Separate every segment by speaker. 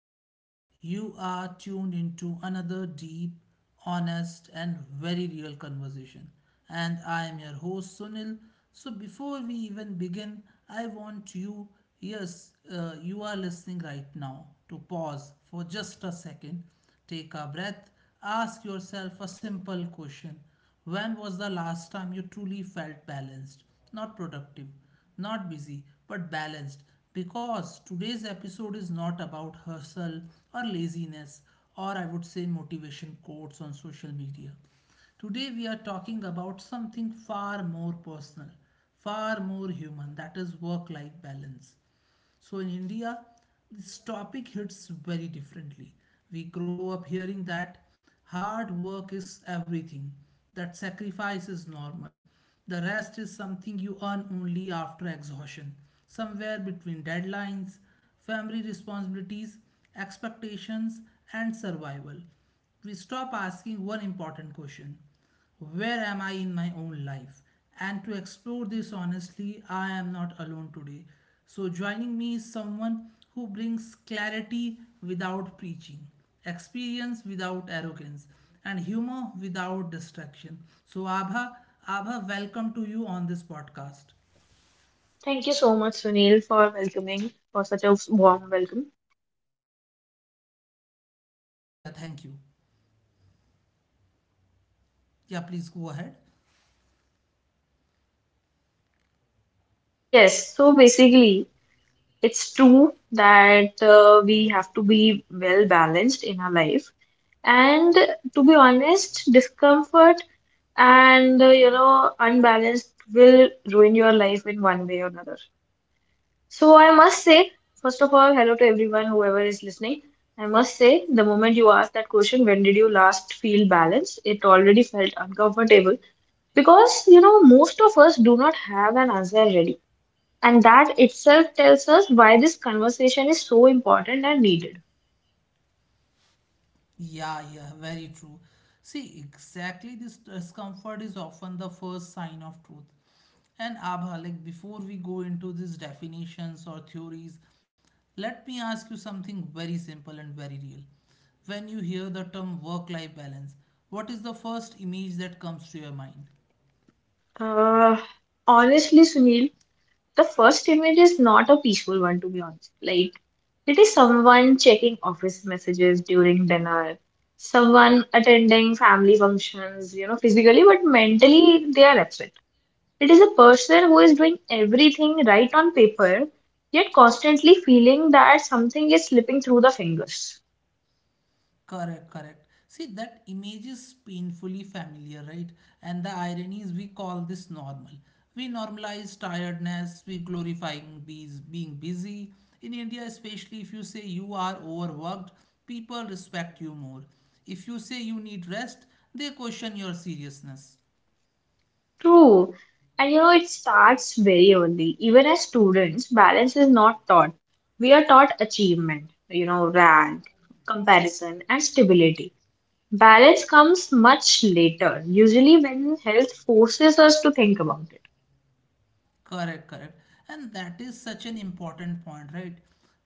Speaker 1: everyone. You are tuned into another deep, honest, and very real conversation. And I am your host Sunil. So before we even begin, I want you, yes, you are listening right now, to pause for just a second, take a breath, ask yourself a simple question. When was the last time you truly felt balanced, not productive? Not busy, but balanced. Because today's episode is not about hustle or laziness, or I would say motivation quotes on social media. Today we are talking about something far more personal, far more human, that is work life balance. So in India, this topic hits very differently. We grow up hearing that hard work is everything, that sacrifice is normal, the rest is something you earn only after exhaustion, somewhere between deadlines, family responsibilities, expectations, and survival. We stop asking one important question: where am I in my own life? And to explore this honestly, I am not alone today. So, joining me is someone who brings clarity without preaching, experience without arrogance, and humor without distraction. So, Abha, welcome to you on this podcast.
Speaker 2: Thank you so much, Sunil, for welcoming, for such a warm welcome.
Speaker 1: Yeah, thank you. Yeah, please go ahead.
Speaker 2: Yes, so basically, it's true that we have to be well balanced in our life. And to be honest, discomfort and you know, unbalanced will ruin your life in one way or another. So I must say, first of all, hello to everyone, whoever is listening. I must say, the moment you asked that question, when did you last feel balanced? It already felt uncomfortable. Because, you know, most of us do not have an answer ready. And that itself tells us why this conversation is so important and needed.
Speaker 1: Yeah, yeah, very true. See, exactly this discomfort is often the first sign of truth. And Abha, like before we go into these definitions or theories, let me ask you something very simple and very real. When you hear the term work life balance, what is the first image that comes to your mind?
Speaker 2: Uh, Honestly, Sunil, the first image is not a peaceful one, to be honest. Like, it is someone checking office messages during dinner, someone attending family functions, you know, physically, but mentally they are absent. It is a person who is doing everything right on paper, yet constantly feeling that something is slipping through the fingers.
Speaker 1: Correct, correct. See, that image is painfully familiar, right? And the irony is we call this normal. We normalize tiredness, we glorifying bees being busy. In India, especially if you say you are overworked, people respect you more. If you say you need rest, they question your seriousness.
Speaker 2: True. And you know, it starts very early. Even as students, balance is not taught. We are taught achievement, you know, rank, comparison, and stability. Balance comes much later, usually when health forces us to think about it.
Speaker 1: Correct, correct. And that is such an important point, right?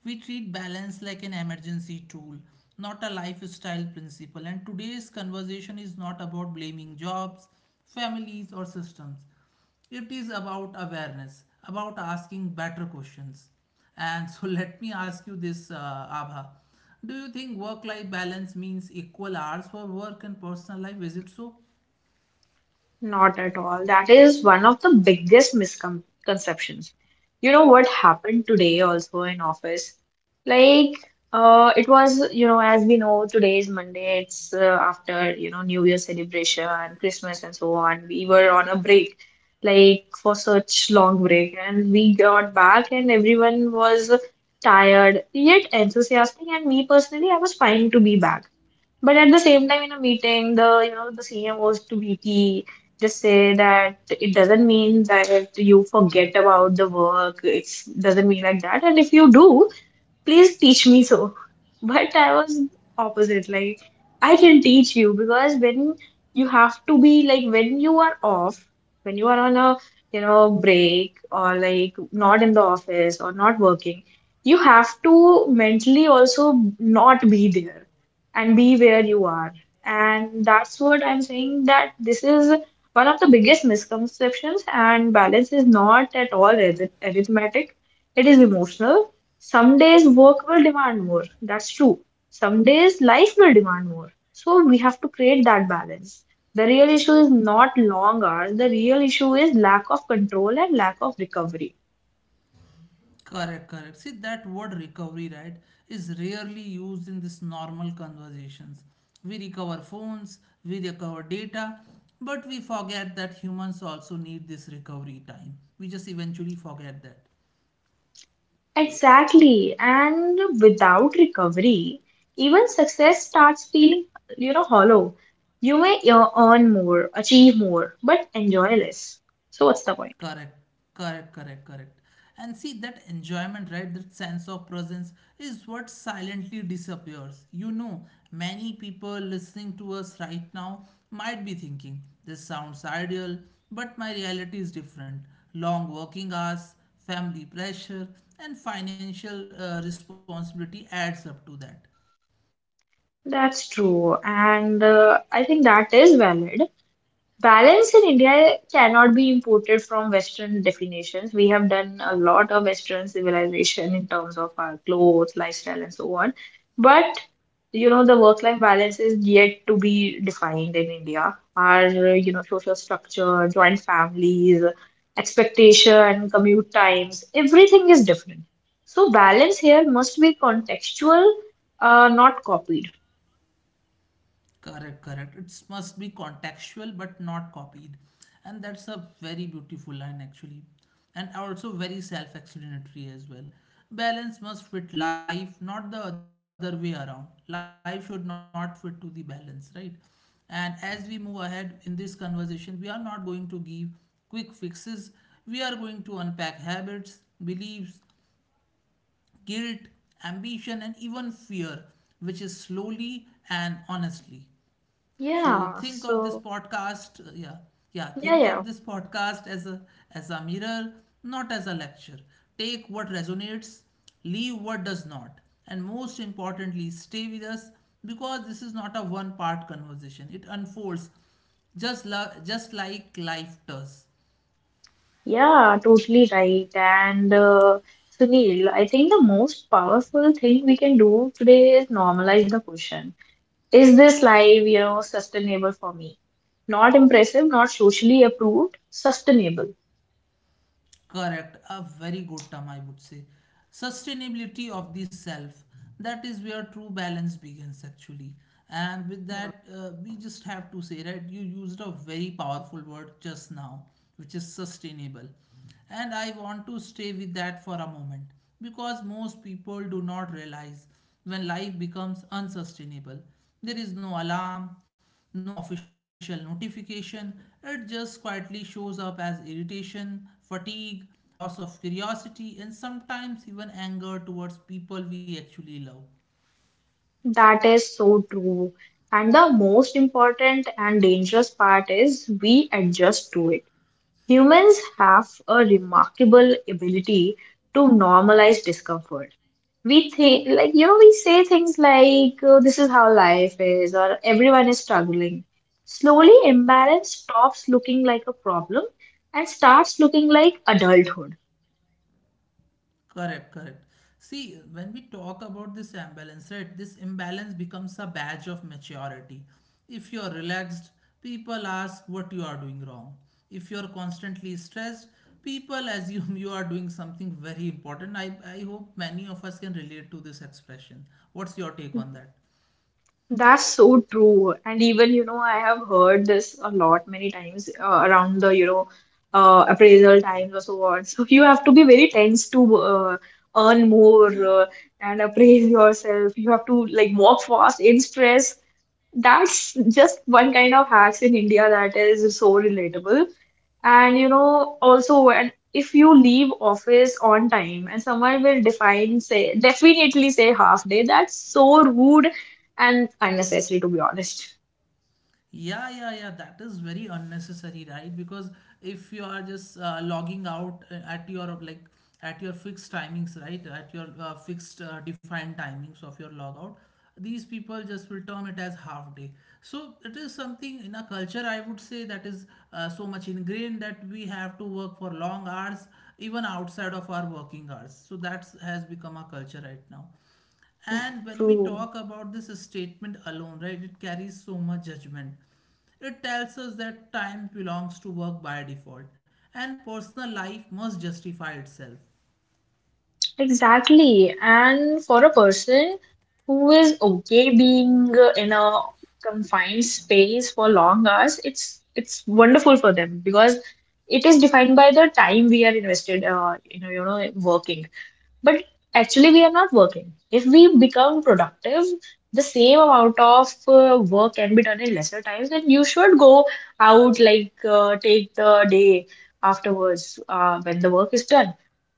Speaker 1: We treat balance like an emergency tool, not a lifestyle principle. And today's conversation is not about blaming jobs, families, or systems. It is about awareness, about asking better questions. And so let me ask you this, Abha. Do you think work life balance means equal hours for work and personal life? Is it so?
Speaker 2: Not at all. That is one of the biggest misconceptions. You know what happened today also in office? Like, it was, you know, as we know, today is Monday. It's after, you know, New Year celebration, Christmas, and so on. We were on a break, like for such long break, and we got back and everyone was tired, yet enthusiastic. And me personally, I was fine to be back. But at the same time, in a meeting, the you know the senior goes to VP, just say that it doesn't mean that you forget about the work. It doesn't mean like that. And if you do, please teach me. So but I was opposite. Like, I can teach you, because when you have to be, like, when you are off, when you are on a, you know, break, or like not in the office or not working, you have to mentally also not be there and be where you are. And that's what I'm saying, that this is one of the biggest misconceptions, and balance is not at all arithmetic, it is emotional. Some days work will demand more. That's true. Some days life will demand more. So we have to create that balance. The real issue is not long hours. The real issue is lack of control and lack of recovery.
Speaker 1: Correct, correct. See, that word recovery, right, is rarely used in this normal conversations. We recover phones, we recover data, but we forget that humans also need this recovery time. We just eventually forget that.
Speaker 2: Exactly. And without recovery, even success starts feeling, you know, hollow. You may earn more, achieve more, but enjoy less. So what's the point?
Speaker 1: Correct, correct, correct, correct. And see that enjoyment, right? That sense of presence is what silently disappears. You know, many people listening to us right now might be thinking, this sounds ideal, but my reality is different. Long working hours, family pressure, and financial responsibility adds up to that.
Speaker 2: That's true. And I think that is valid. Balance in India cannot be imported from Western definitions. We have done a lot of Western civilization in terms of our clothes, lifestyle, and so on. But you know, the work-life balance is yet to be defined in India. Our, you know, social structure, joint families, expectation, commute times, everything is different. So balance here must be contextual, not copied.
Speaker 1: Correct, correct. It must be contextual but not copied. And that's a very beautiful line, actually. And also very self explanatory as well. Balance must fit life, not the other way around. Life should not fit to the balance, right? And as we move ahead in this conversation, we are not going to give quick fixes. We are going to unpack habits, beliefs, guilt, ambition, and even fear, which is slowly and honestly. So
Speaker 2: Yeah.
Speaker 1: think of this
Speaker 2: So
Speaker 1: podcast, yeah, yeah, think
Speaker 2: yeah,
Speaker 1: of this
Speaker 2: yeah.
Speaker 1: podcast as a mirror, not as a lecture. Take what resonates, leave what does not, and most importantly, stay with us because this is not a one-part conversation. It unfolds just, just like life does.
Speaker 2: Yeah, totally right. And Sunil, I think the most powerful thing we can do today is normalize the question. Is this life, you know, sustainable for me? Not impressive, not socially approved, sustainable.
Speaker 1: Correct, a very good term, I would say. Sustainability of the self. That is where true balance begins, actually. And with that, we just have to say, right, you used a very powerful word just now, which is sustainable. And I want to stay with that for a moment because most people do not realize when life becomes unsustainable. There is no alarm, no official notification, it just quietly shows up as irritation, fatigue, loss of curiosity, and sometimes even anger towards people we actually love.
Speaker 2: That is so true. And the most important and dangerous part is we adjust to it. Humans have a remarkable ability to normalize discomfort. We think, like, you know, we say things like, oh, this is how life is, or everyone is struggling. Slowly imbalance stops looking like a problem and starts looking like adulthood.
Speaker 1: Correct, correct. See, when we talk about this imbalance, right, this imbalance becomes a badge of maturity. If you're relaxed, people ask what you are doing wrong. If you're constantly stressed, people assume you are doing something very important. I hope many of us can relate to this expression. What's your take on that?
Speaker 2: That's so true. And even, you know, I have heard this a lot many times, around the, you know, appraisal times or so on. So you have to be very tense to earn more, uh, and appraise yourself. You have to, like, walk fast in stress. That's just one kind of hacks in India that is so relatable. And you know, also when if you leave office on time, and someone will define, say, definitely say half day, that's so rude and unnecessary, to be honest.
Speaker 1: Yeah, yeah, yeah. That is very unnecessary, right? Because if you are just logging out at your like at your fixed timings, right? At your fixed defined timings of your logout, these people just will term it as half day. So it is something in a culture, I would say, that is so much ingrained that we have to work for long hours, even outside of our working hours. So that has become a culture right now. And when we
Speaker 2: True.
Speaker 1: talk about this statement alone, right, it carries so much judgment. It tells us that time belongs to work by default and personal life must justify itself.
Speaker 2: Exactly. And for a person who is okay being in a confined space for long hours, it's wonderful for them, because it is defined by the time we are invested, you know, working. But actually, we are not working. If we become productive, the same amount of work can be done in lesser times, then you should go out, like take the day afterwards when the work is done.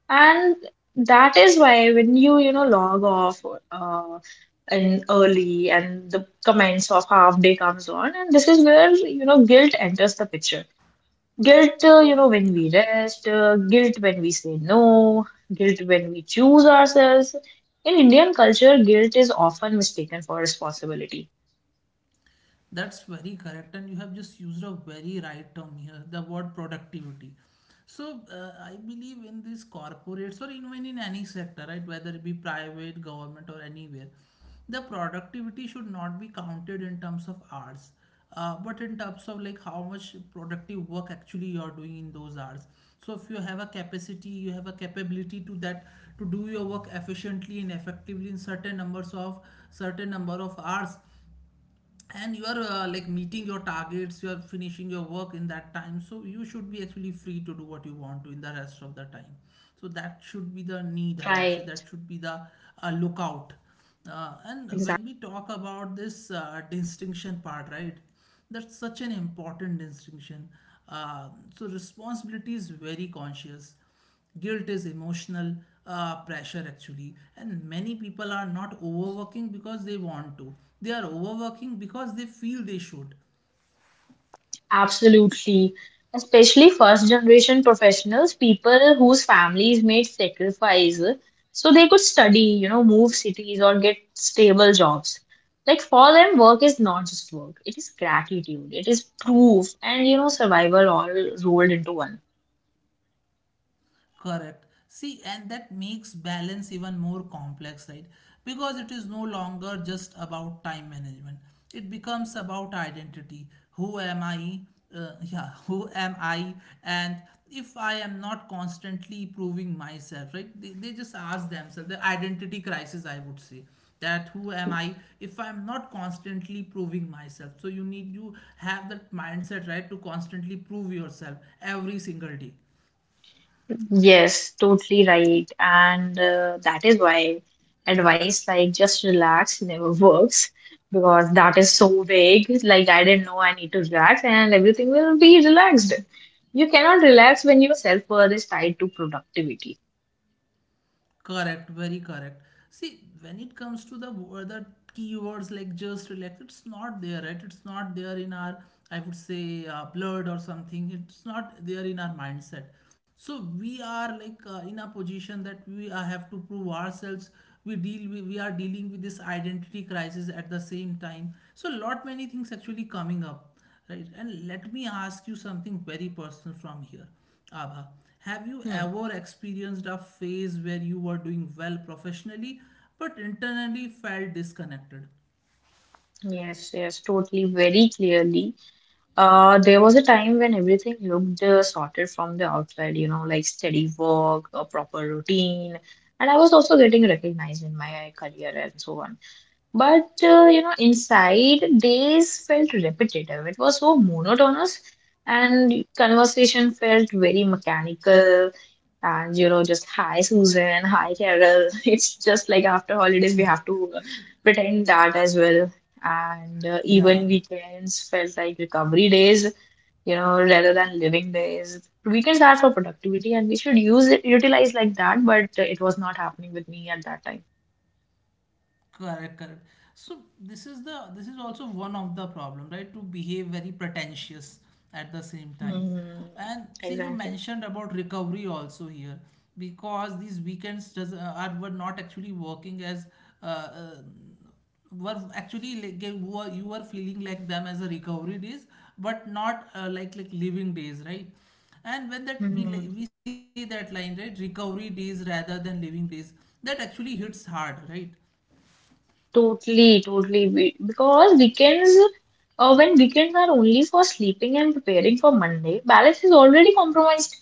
Speaker 2: And that is why when you know, log off uh, in early, and the comments of half day comes on, and this is where, you know, guilt enters the picture. Guilt, you know, when we rest, guilt when we say no, guilt when we choose ourselves. In Indian culture, guilt is often mistaken for responsibility.
Speaker 1: That's very correct, and you have just used a very right term here, the word productivity. So I believe in these corporates or even in any sector, right, whether it be private, government, or anywhere, the productivity should not be counted in terms of hours, but in terms of like how much productive work actually you're doing in those hours. So if you have a capacity, you have a capability to that to do your work efficiently and effectively in certain number of hours and you are like meeting your targets, you are finishing your work in that time, so you should be actually free to do what you want to in the rest of the time. So that should be the need, I would say,
Speaker 2: Right.
Speaker 1: that should be the lookout. And when we talk about this distinction part, right, that's such an important distinction. Uh, so responsibility is very conscious, guilt is emotional pressure, actually. And many people are not overworking because they want to, they are overworking because they feel they should.
Speaker 2: Absolutely. Especially first generation professionals, people whose families made sacrifice so they could study, you know, move cities or get stable jobs. Like for them, work is not just work, it is gratitude, it is proof, and you know, survival all rolled into one.
Speaker 1: Correct. See, and that makes balance even more complex, right? Because it is no longer just about time management. It becomes about identity. Who am I? Yeah, who am I? And if I am not constantly proving myself, right? They just ask themselves the identity crisis, I would say, that who am I if I'm not constantly proving myself, so you need to have that mindset, right, to constantly prove yourself every single day.
Speaker 2: Yes, totally right. And that is why advice like just relax never works, because that is so vague. Like, I didn't know I need to relax, and everything will be relaxed. You cannot relax when your self-worth is tied to productivity.
Speaker 1: Correct, very correct. See, when it comes to the the keywords like just relax, it's not there, right? It's not there in our, I would say, blood or something. It's not there in our mindset. So we are like in a position that we have to prove ourselves. We are dealing with this identity crisis at the same time. So lot many things actually coming up, right? And let me ask you something very personal from here. Abha, have you
Speaker 2: Hmm.
Speaker 1: ever experienced a phase where you were doing well professionally but internally felt disconnected?
Speaker 2: Yes, yes, totally, very clearly. There was a time when everything looked sorted from the outside, you know, like steady work, a proper routine, and I was also getting recognized in my career and so on. But you know, inside days felt repetitive. It was so monotonous, and conversation felt very mechanical. And you know, just hi Susan, hi Carol. It's just like after holidays we have to pretend that as well. And
Speaker 1: Yeah.
Speaker 2: even weekends felt like recovery days, you know, rather than living days. Weekends are for productivity, and we should use it, utilize like that. But it was not happening with me at that time.
Speaker 1: Correct, correct. So this is also one of the problem, right? To behave very pretentious at the same time.
Speaker 2: Hmm.
Speaker 1: And see, you
Speaker 2: Exactly.
Speaker 1: mentioned about recovery also here because these weekends does, are were not actually working as uh, uh, were actually like you were feeling like them as a recovery days, but not like living days, right? And when that
Speaker 2: Hmm.
Speaker 1: we say that line, right? Recovery days rather than living days, that actually hits hard, right?
Speaker 2: Totally, totally. We, because weekends, when weekends are only for sleeping and preparing for Monday, balance is already compromised.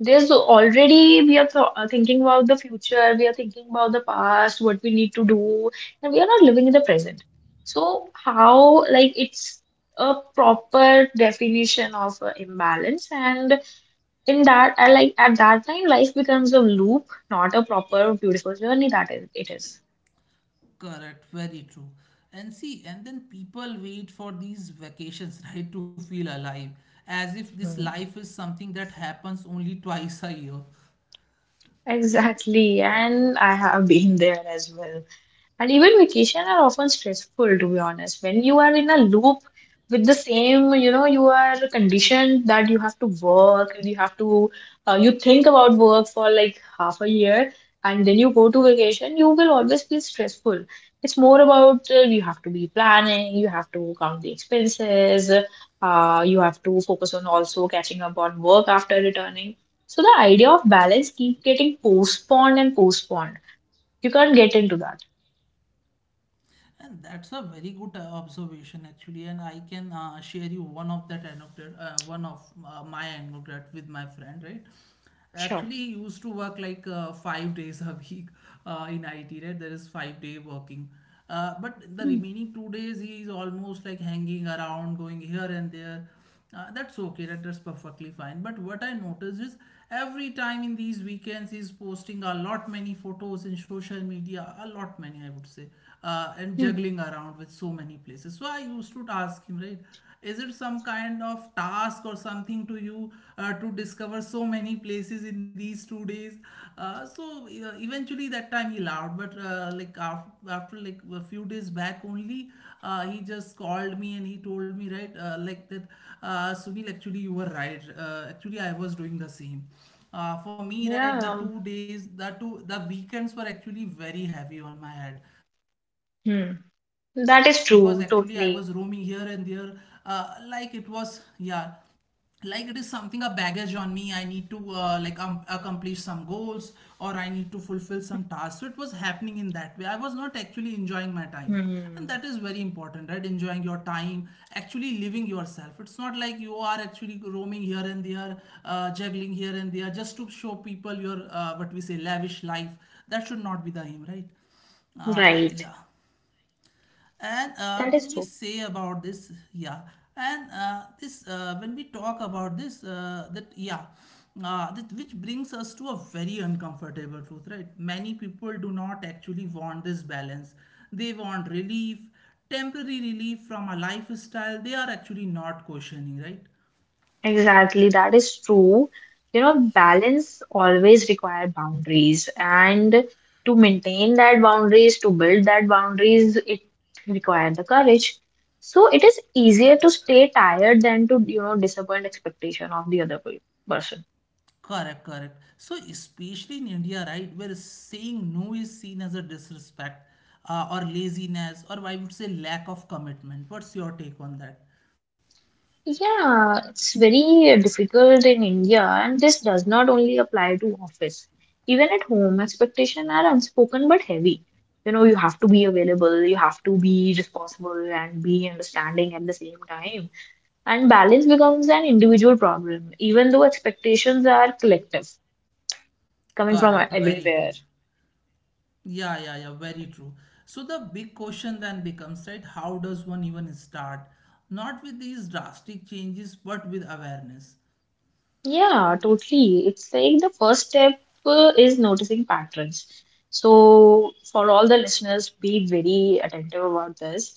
Speaker 2: There's already, we are th thinking about the future, we are thinking about the past, what we need to do, and we are not living in the present. So, how, like, it's a proper definition of imbalance, and in that, I like, at that time, life becomes a loop, not a proper, beautiful journey that is, it is.
Speaker 1: Correct, very true. And see, and then people wait for these vacations, right, to feel alive, as if this
Speaker 2: Hmm.
Speaker 1: life is something that happens only twice a year.
Speaker 2: Exactly, and I have been there as well. And even vacation are often stressful, to be honest. When you are in a loop with the same, you know, you are conditioned that you have to work and you have to, you think about work for like half a year and then you go to vacation, you will always be stressful. It's more about you have to be planning, you have to count the expenses, you have to focus on also catching up on work after returning. So the idea of balance keep getting postponed and postponed. You can't get into that.
Speaker 1: And that's a very good observation, actually. And I can share you one of that anecdote, one of my anecdote with my friend, right?
Speaker 2: Sure.
Speaker 1: Actually, he used to work like 5 days a week in IT, right? There is 5 day working. But the
Speaker 2: Hmm.
Speaker 1: remaining 2 days, he is almost like hanging around, going here and there. That's okay. That's perfectly fine. But what I notice is every time in these weekends, he's posting a lot many photos in social media, a lot many, I would say, and
Speaker 2: Hmm.
Speaker 1: juggling around with so many places. So I used to ask him, right? Is it some kind of task or something to you to discover so many places in these 2 days? So eventually that time he laughed, but like after like a few days back only, he just called me and he told me, right, like that, "Sunil, actually you were right. Actually, I was doing the same. For me,
Speaker 2: Yeah.
Speaker 1: right, the 2 days, the weekends were actually very heavy on my head, because actually I
Speaker 2: Hmm.
Speaker 1: was roaming here and
Speaker 2: That is
Speaker 1: there.
Speaker 2: true,
Speaker 1: uh,
Speaker 2: totally.
Speaker 1: like, it was, yeah, like it is something, a baggage on me. I need to, like, accomplish some goals, or I need to fulfill some tasks." So it was happening in that way. I was not actually enjoying my time, and that is very
Speaker 2: Hmm.
Speaker 1: important, right, enjoying your time, actually living yourself. It's not like you are actually roaming here and there, juggling here and there just to show people your, what we say, lavish life. That should not be the aim, right?
Speaker 2: Right.
Speaker 1: Yeah. And
Speaker 2: That
Speaker 1: when
Speaker 2: is
Speaker 1: we
Speaker 2: true.
Speaker 1: say about this, yeah. And this, when we talk about this, that, yeah, that, which brings us to a very uncomfortable truth, right? Many people do not actually want this balance. They want relief, temporary relief from a lifestyle they are actually not questioning, right?
Speaker 2: Exactly. That is true. You know, balance always require boundaries, and to maintain that boundaries, to build that boundaries, it require the courage. So it is easier to stay tired than to, you know, disappoint expectation of the other person.
Speaker 1: Correct, correct. So especially in India, right, where saying no is seen as a disrespect or laziness or, I would say, lack of commitment. What's your take on that?
Speaker 2: Yeah, it's very difficult in India, and this does not only apply to office. Even at home, expectations are unspoken but heavy. You know, you have to be available, you have to be responsible and be understanding at the same time. And balance becomes an individual problem, even though expectations are collective, coming from
Speaker 1: Correct, very
Speaker 2: everywhere.
Speaker 1: true. Yeah, yeah, yeah, very true. So the big question then becomes, right, how does one even start? Not with these drastic changes, but with awareness.
Speaker 2: Yeah, totally. It's like the first step is noticing patterns. So, for all the listeners, be very attentive about this.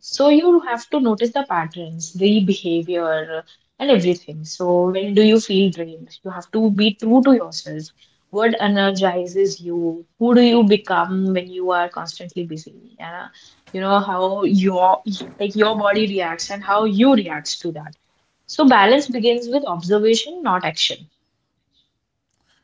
Speaker 2: So, you have to notice the patterns, the behavior, and everything. So, when do you feel drained? You have to be true to yourself. What energizes you? Who do you become when you are constantly busy? Yeah. You know how your, like, your body reacts and how you reacts to that. So balance begins with observation, not action.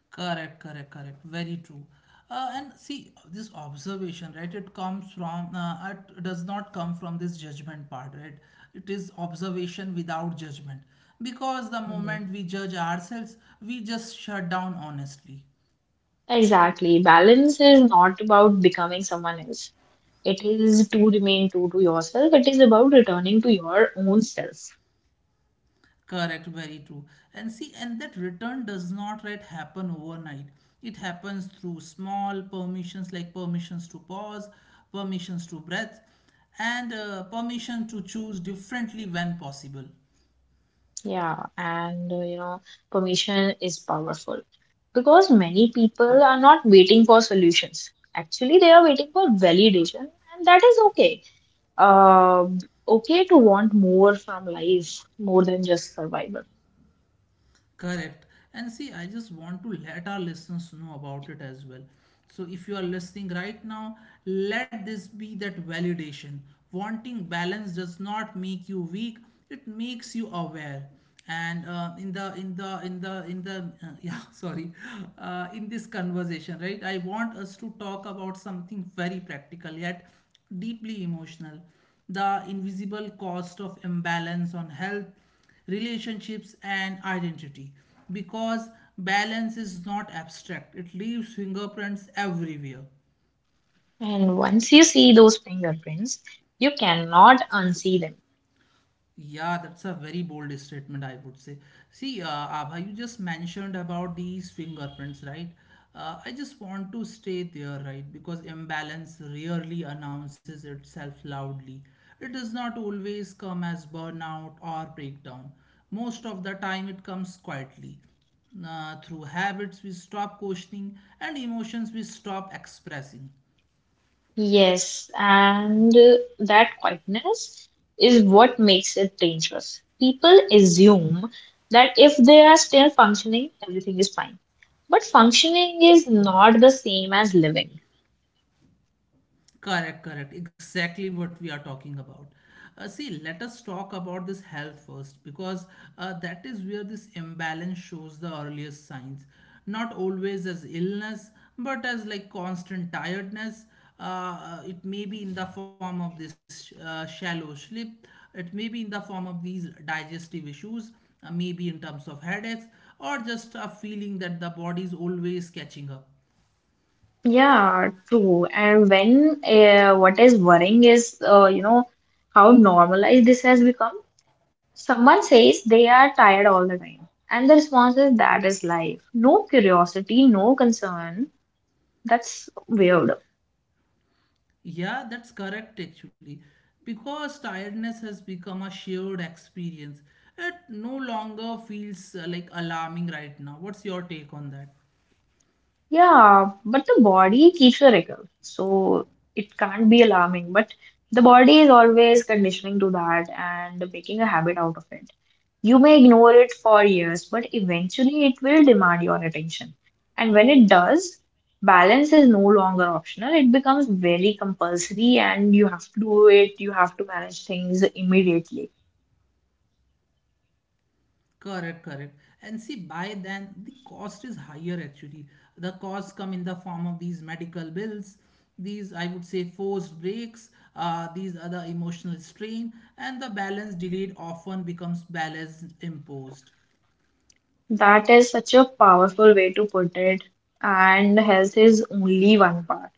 Speaker 1: Correct, correct, correct. Very true. And see, this observation, right, it comes from, it does not come from this judgment part, right? It is observation without judgment. Because the
Speaker 2: Hmm.
Speaker 1: moment we judge ourselves, we just shut down, honestly.
Speaker 2: Exactly. Balance is not about becoming someone else. It is to remain true to yourself. It is about returning to your own self.
Speaker 1: Correct, very true. And see, and that return does not, right, happen overnight. It happens through small permissions, like permissions to pause, permissions to breath, and permission to choose differently when possible.
Speaker 2: Yeah, and you know, permission is powerful, because many people are not waiting for solutions. Actually, they are waiting for validation, and that is okay. Uh, okay to want more from life, more than just survival.
Speaker 1: Correct. And see, I just want to let our listeners know about it as well. So, if you are listening right now, let this be that validation. Wanting balance does not make you weak; it makes you aware. And in the in the in the in the yeah, sorry, in this conversation, right? I want us to talk about something very practical yet deeply emotional: the invisible cost of imbalance on health, relationships, and identity. Because balance is not abstract, it leaves fingerprints everywhere.
Speaker 2: And once you see those fingerprints, you cannot unsee them.
Speaker 1: Yeah, that's a very bold statement, I would say. See, Abha, you just mentioned about these fingerprints, right? I just want to stay there, right? Because imbalance rarely announces itself loudly. It does not always come as burnout or breakdown. Most of the time, it comes quietly. Through habits we stop questioning and emotions we stop expressing.
Speaker 2: Yes, and that quietness is what makes it dangerous. People assume that if they are still functioning, everything is fine. But functioning is not the same as living.
Speaker 1: Correct, correct. Exactly what we are talking about. See, let us talk about this health first, because that is where this imbalance shows the earliest signs. Not always as illness, but as like constant tiredness. It may be in the form of this shallow sleep, it may be in the form of these digestive issues, maybe in terms of headaches, or just a feeling that the body is always catching up.
Speaker 2: Yeah, true. And when what is worrying is, how normalized this has become. Someone says they are tired all the time, and the response is that is life. No curiosity, no concern. That's weird.
Speaker 1: Yeah, that's correct, actually. Because tiredness has become a shared experience, it no longer feels, like, alarming right now. What's your take on that?
Speaker 2: Yeah, but the body keeps a record, so it can't be alarming. But the body is always conditioning to that and making a habit out of it. You may ignore it for years, but eventually it will demand your attention. And when it does, balance is no longer optional. It becomes very compulsory and you have to do it, you have to manage things immediately.
Speaker 1: Correct, correct. And see, by then the cost is higher, actually. The costs come in the form of these medical bills, these, I would say, forced breaks, these other emotional strain, and the balance delayed often becomes balance imposed.
Speaker 2: That is such a powerful way to put it. And health is only one part.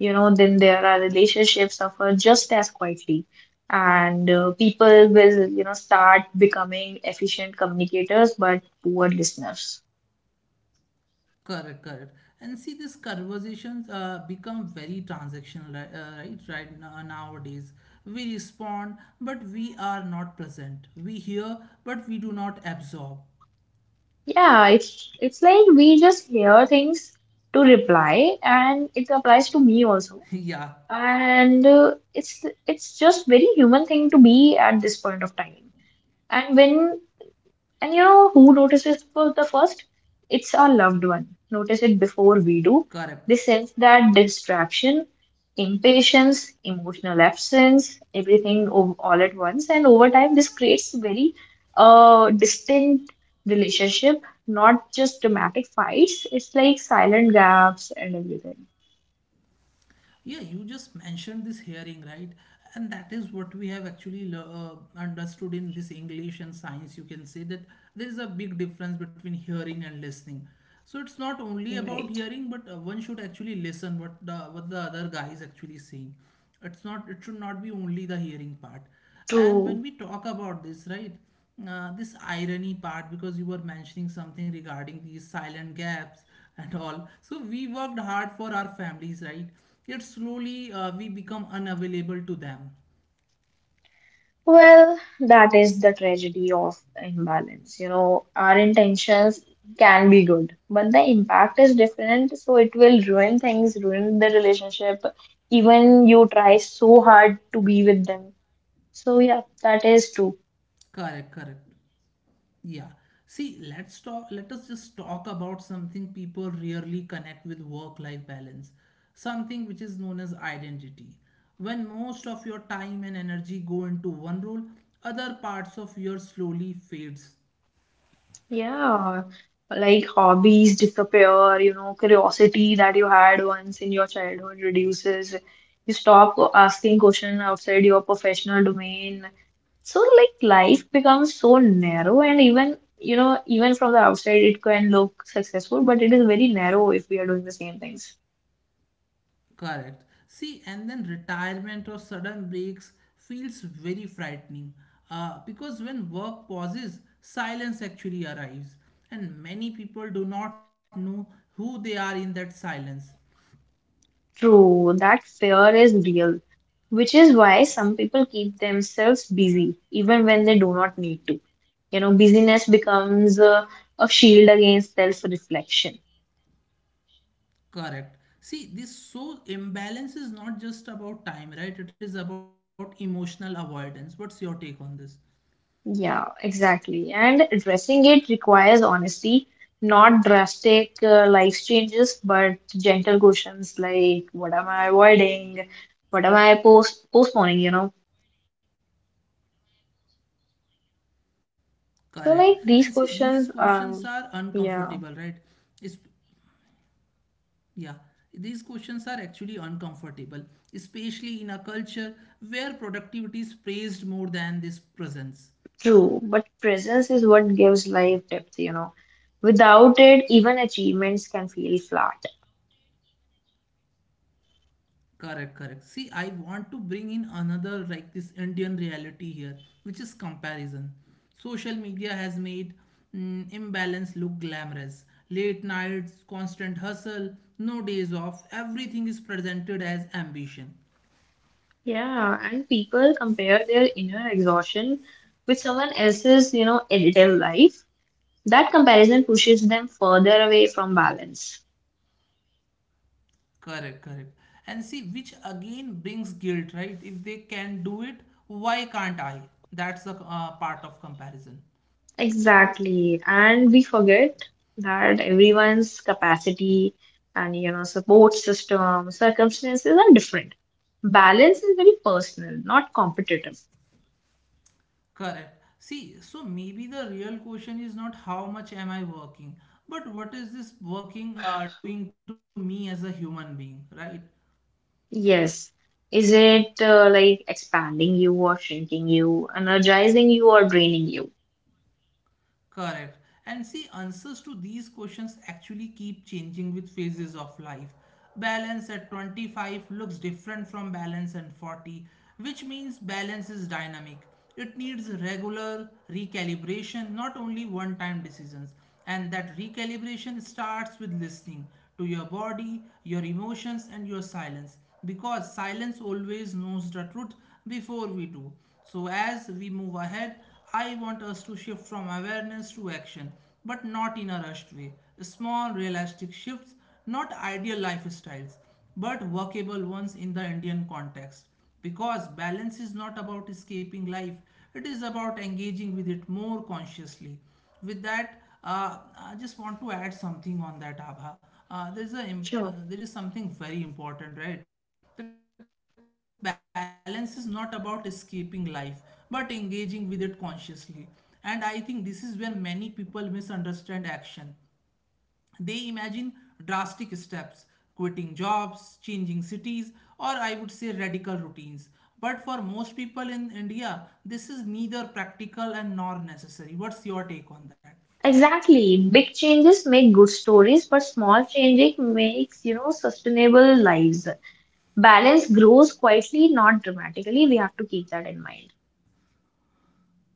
Speaker 2: You know, then there are relationships suffer just as quietly. And people will, start becoming efficient communicators but poor listeners.
Speaker 1: Correct, correct. And see, these conversations become very transactional, right? Right now, nowadays, we respond, but we are not present. We hear, but we do not absorb.
Speaker 2: Yeah, it's like we just hear things to reply, and it applies to me also.
Speaker 1: Yeah,
Speaker 2: And it's just very human thing to be at this point of time. And when and you know who notices for the first? It's our loved one. Notice it before we do. They
Speaker 1: correct.
Speaker 2: sense that distraction, impatience, emotional absence, all at once. And over time, this creates very distinct relationship, not just dramatic fights. It's like silent gaps and everything.
Speaker 1: Yeah, you just mentioned this hearing, right? And that is what we have actually understood in this English and science. You can say that there is a big difference between hearing and listening. So it's not only about
Speaker 2: Right.
Speaker 1: hearing, but one should actually listen what the other guy is actually saying. It's not, it should not be only the hearing part. And
Speaker 2: True.
Speaker 1: when we talk about this, right, this irony part, because you were mentioning something regarding these silent gaps and all. So we worked hard for our families, right? Yet slowly we become unavailable to them.
Speaker 2: Well, that is the tragedy of imbalance. You know, our intentions can be good, but the impact is different, so it will ruin things, ruin the relationship, even you try so hard to be with them. So, yeah, that is true.
Speaker 1: Correct, correct. Yeah. See, let us just talk about something people rarely connect with work-life balance, something which is known as identity. When most of your time and energy go into one role, other parts of your slowly fades.
Speaker 2: Yeah, like hobbies disappear, you know, curiosity that you had once in your childhood reduces. You stop asking questions outside your professional domain. So, like, life becomes so narrow, and even, you know, even from the outside, it can look successful, but it is very narrow if we are doing the same things.
Speaker 1: Correct. See, and then retirement or sudden breaks feels very frightening. Because when work pauses, silence actually arrives, and many people do not know who they are in that silence.
Speaker 2: True, that fear is real, which is why some people keep themselves busy even when they do not need to. Busyness becomes a shield against self-reflection.
Speaker 1: Correct. See, this, so imbalance is not just about time, right? It is about emotional avoidance. What's your take on this?
Speaker 2: Yeah, exactly. And addressing it requires honesty, not drastic life changes, but gentle questions like what am I avoiding? What am I postponing,
Speaker 1: Correct. And see,
Speaker 2: So like
Speaker 1: these
Speaker 2: these
Speaker 1: questions
Speaker 2: questions
Speaker 1: are
Speaker 2: are
Speaker 1: uncomfortable, right?
Speaker 2: yeah,
Speaker 1: It's, yeah, these questions are actually uncomfortable, especially in a culture where productivity is praised more than this presence.
Speaker 2: true, but presence is what gives life depth, you know. Without it, even achievements can feel flat.
Speaker 1: Correct, correct. See, I want to bring in another, like, this Indian reality here, which is comparison. Social media has made, mm, imbalance look glamorous. Late nights, constant hustle, no days off, everything is presented as ambition.
Speaker 2: Yeah, and people compare their inner exhaustion with someone else's, edible life. That comparison pushes them further away from balance.
Speaker 1: Correct, correct. And see, which again brings guilt, right? If they can do it, why can't I? That's the, part of comparison.
Speaker 2: Exactly. And we forget that everyone's capacity and, support system, circumstances are different. Balance is very personal, not competitive.
Speaker 1: Correct. See, so maybe the real question is not how much am I working, but what is this working doing to me as a human being, right?
Speaker 2: Yes. Is it like expanding you or shrinking you, energizing you or draining you?
Speaker 1: Correct. And see, answers to these questions actually keep changing with phases of life. Balance at 25 looks different from balance at 40, which means balance is dynamic. It needs regular recalibration, not only one time decisions. And that recalibration starts with listening to your body, your emotions, and your silence, because silence always knows the truth before we do. So, as we move ahead, I want us to shift from awareness to action, but not in a rushed way. Small, realistic shifts, not ideal lifestyles, but workable ones in the Indian context. Because balance is not about escaping life, it is about engaging with it more consciously. With that, I just want to add something on that, Abha.
Speaker 2: Sure.
Speaker 1: There is something very important, right? That balance is not about escaping life, but engaging with it consciously. And I think this is where many people misunderstand action. They imagine drastic steps, quitting jobs, changing cities, or, I would say, radical routines. But for most people in India, this is neither practical and nor necessary. What's your take on that?
Speaker 2: Exactly. Big changes make good stories, but small changing makes, sustainable lives. Balance grows quietly, not dramatically. We have to keep that in mind.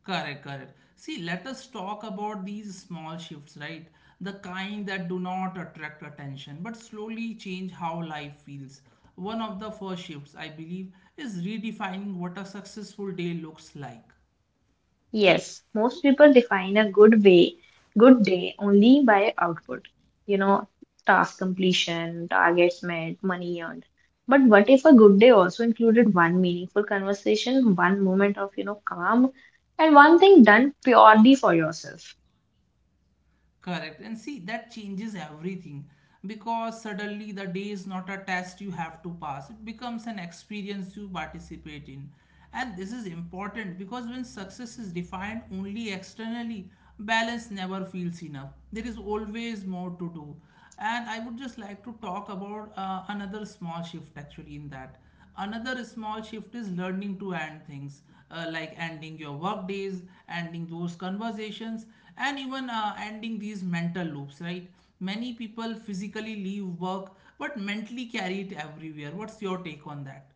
Speaker 1: Correct, correct. See, let us talk about these small shifts, right? The kind that do not attract attention but slowly change how life feels. One of the first shifts, I believe, is redefining what a successful day looks like.
Speaker 2: Yes, most people define a good way, good day only by output. You know, task completion, targets met, money earned. But what if a good day also included one meaningful conversation, one moment of, calm, and one thing done purely for yourself?
Speaker 1: Correct. And see, that changes everything, because suddenly the day is not a test you have to pass, it becomes an experience you participate in. And this is important because when success is defined only externally, balance never feels enough. There is always more to do. And I would just like to talk about another small shift, actually, in that. Another small shift is learning to end things, like ending your work days, ending those conversations, and even ending these mental loops, right? Many people physically leave work but mentally carry it everywhere. What's your take on that?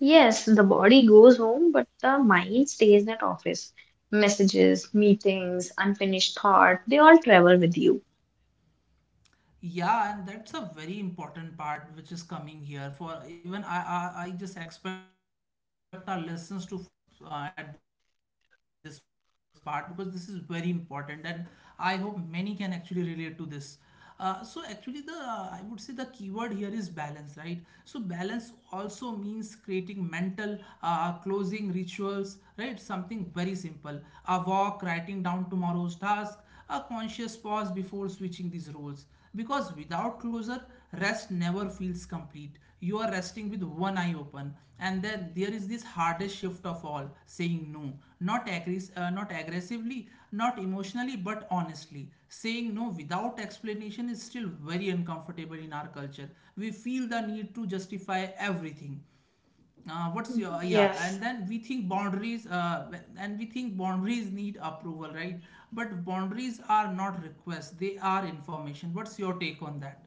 Speaker 2: Yes, the body goes home, but the mind stays at office. Messages, meetings, unfinished thought, they all travel with you.
Speaker 1: Yeah, and that's a very important part which is coming here. For even I, I just expect our listeners to follow us at this part, because this is very important, and I hope many can actually relate to this. So actually, the I would say the keyword here is balance, right? So balance also means creating mental closing rituals, right? Something very simple: a walk, writing down tomorrow's task, a conscious pause before switching these roles. Because without closure, rest never feels complete. You are resting with one eye open. And then there is this hardest shift of all, saying no. Not aggressively, not emotionally, but honestly. Saying no without explanation is still very uncomfortable in our culture. We feel the need to justify everything. Uh, what's your yeah
Speaker 2: Yes.
Speaker 1: and then we think boundaries and we think boundaries need approval, right? But boundaries are not requests, they are information. What's your take on that?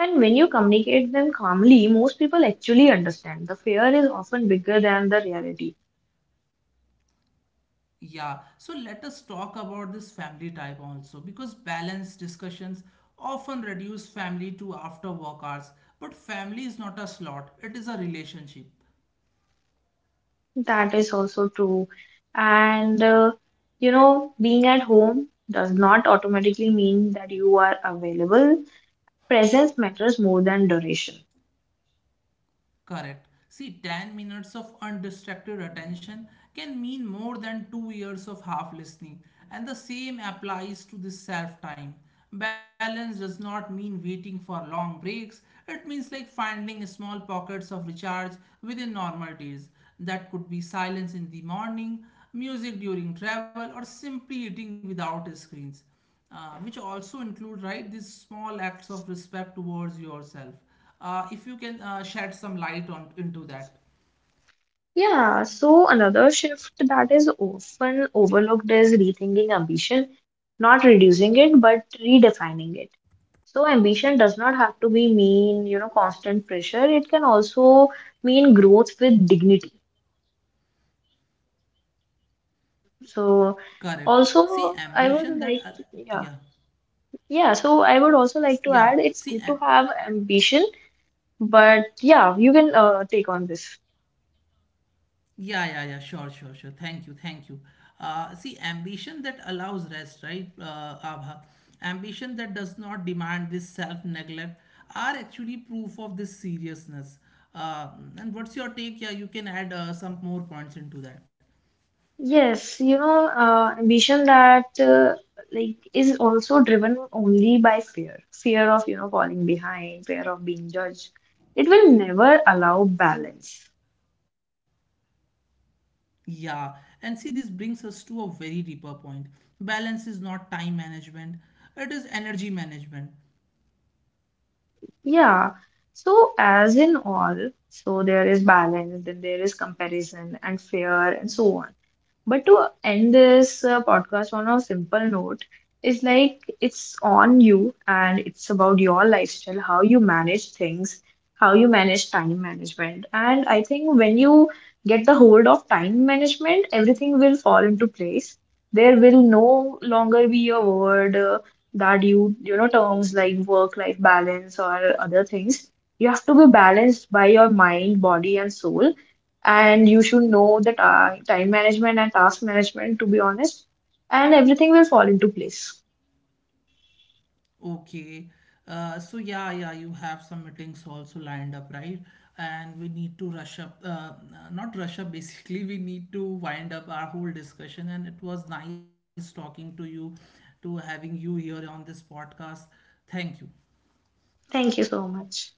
Speaker 2: And when you communicate them calmly, most people actually understand. The fear is often bigger than the reality.
Speaker 1: Yeah, so let us talk about this family type also, because balanced discussions often reduce family to after work hours, but family is not a slot, it is a relationship.
Speaker 2: That is also true. And being at home does not automatically mean that you are available. Presence matters more than duration.
Speaker 1: Correct. See, 10 minutes of undistracted attention can mean more than 2 years of half listening, and the same applies to the self time. Balance does not mean waiting for long breaks, it means, like, finding small pockets of recharge within normal days. That could be silence in the morning, music during travel, or simply eating without screens, which also include, right, these small acts of respect towards yourself. If you can shed some light on into that.
Speaker 2: Yeah, so another shift that is often overlooked is rethinking ambition, not reducing it, but redefining it. So ambition does not have to be mean, constant pressure. It can also mean growth with dignity. So
Speaker 1: Correct. See,
Speaker 2: also I
Speaker 1: ambition
Speaker 2: would
Speaker 1: that
Speaker 2: like to, yeah.
Speaker 1: yeah.
Speaker 2: Yeah, so I would also like to
Speaker 1: Yeah,
Speaker 2: add it's
Speaker 1: see,
Speaker 2: good to have ambition, but yeah, you can take on this.
Speaker 1: yeah, yeah, yeah. Sure, sure, sure. Thank you, thank you. See, ambition that allows rest, right, Abha, ambition that does not demand this self neglect are actually proof of this seriousness. uh, and what's your take? Yeah, you can add some more points into that.
Speaker 2: Yes, ambition that like is also driven only by fear, fear of, falling behind, fear of being judged. It will never allow balance.
Speaker 1: Yeah, and see, this brings us to a very deeper point. Balance is not time management, it is energy management.
Speaker 2: Yeah. So, as in all, so there is balance, then there is comparison and fear and so on. But to end this podcast on a simple note, is like it's on you and it's about your lifestyle, how you manage things, how you manage time management. And I think when you get the hold of time management, everything will fall into place. There will no longer be a word that you know terms like work life balance or other things. You have to be balanced by your mind body and soul, and you should know the time management and task management to be honest, and everything will fall into place.
Speaker 1: Okay, so yeah, yeah, you have some meetings also lined up, right? And we need to rush up, not rush up, basically, we need to wind up our whole discussion. And it was nice talking to you, to having you here on this podcast. Thank you.
Speaker 2: Thank you so much.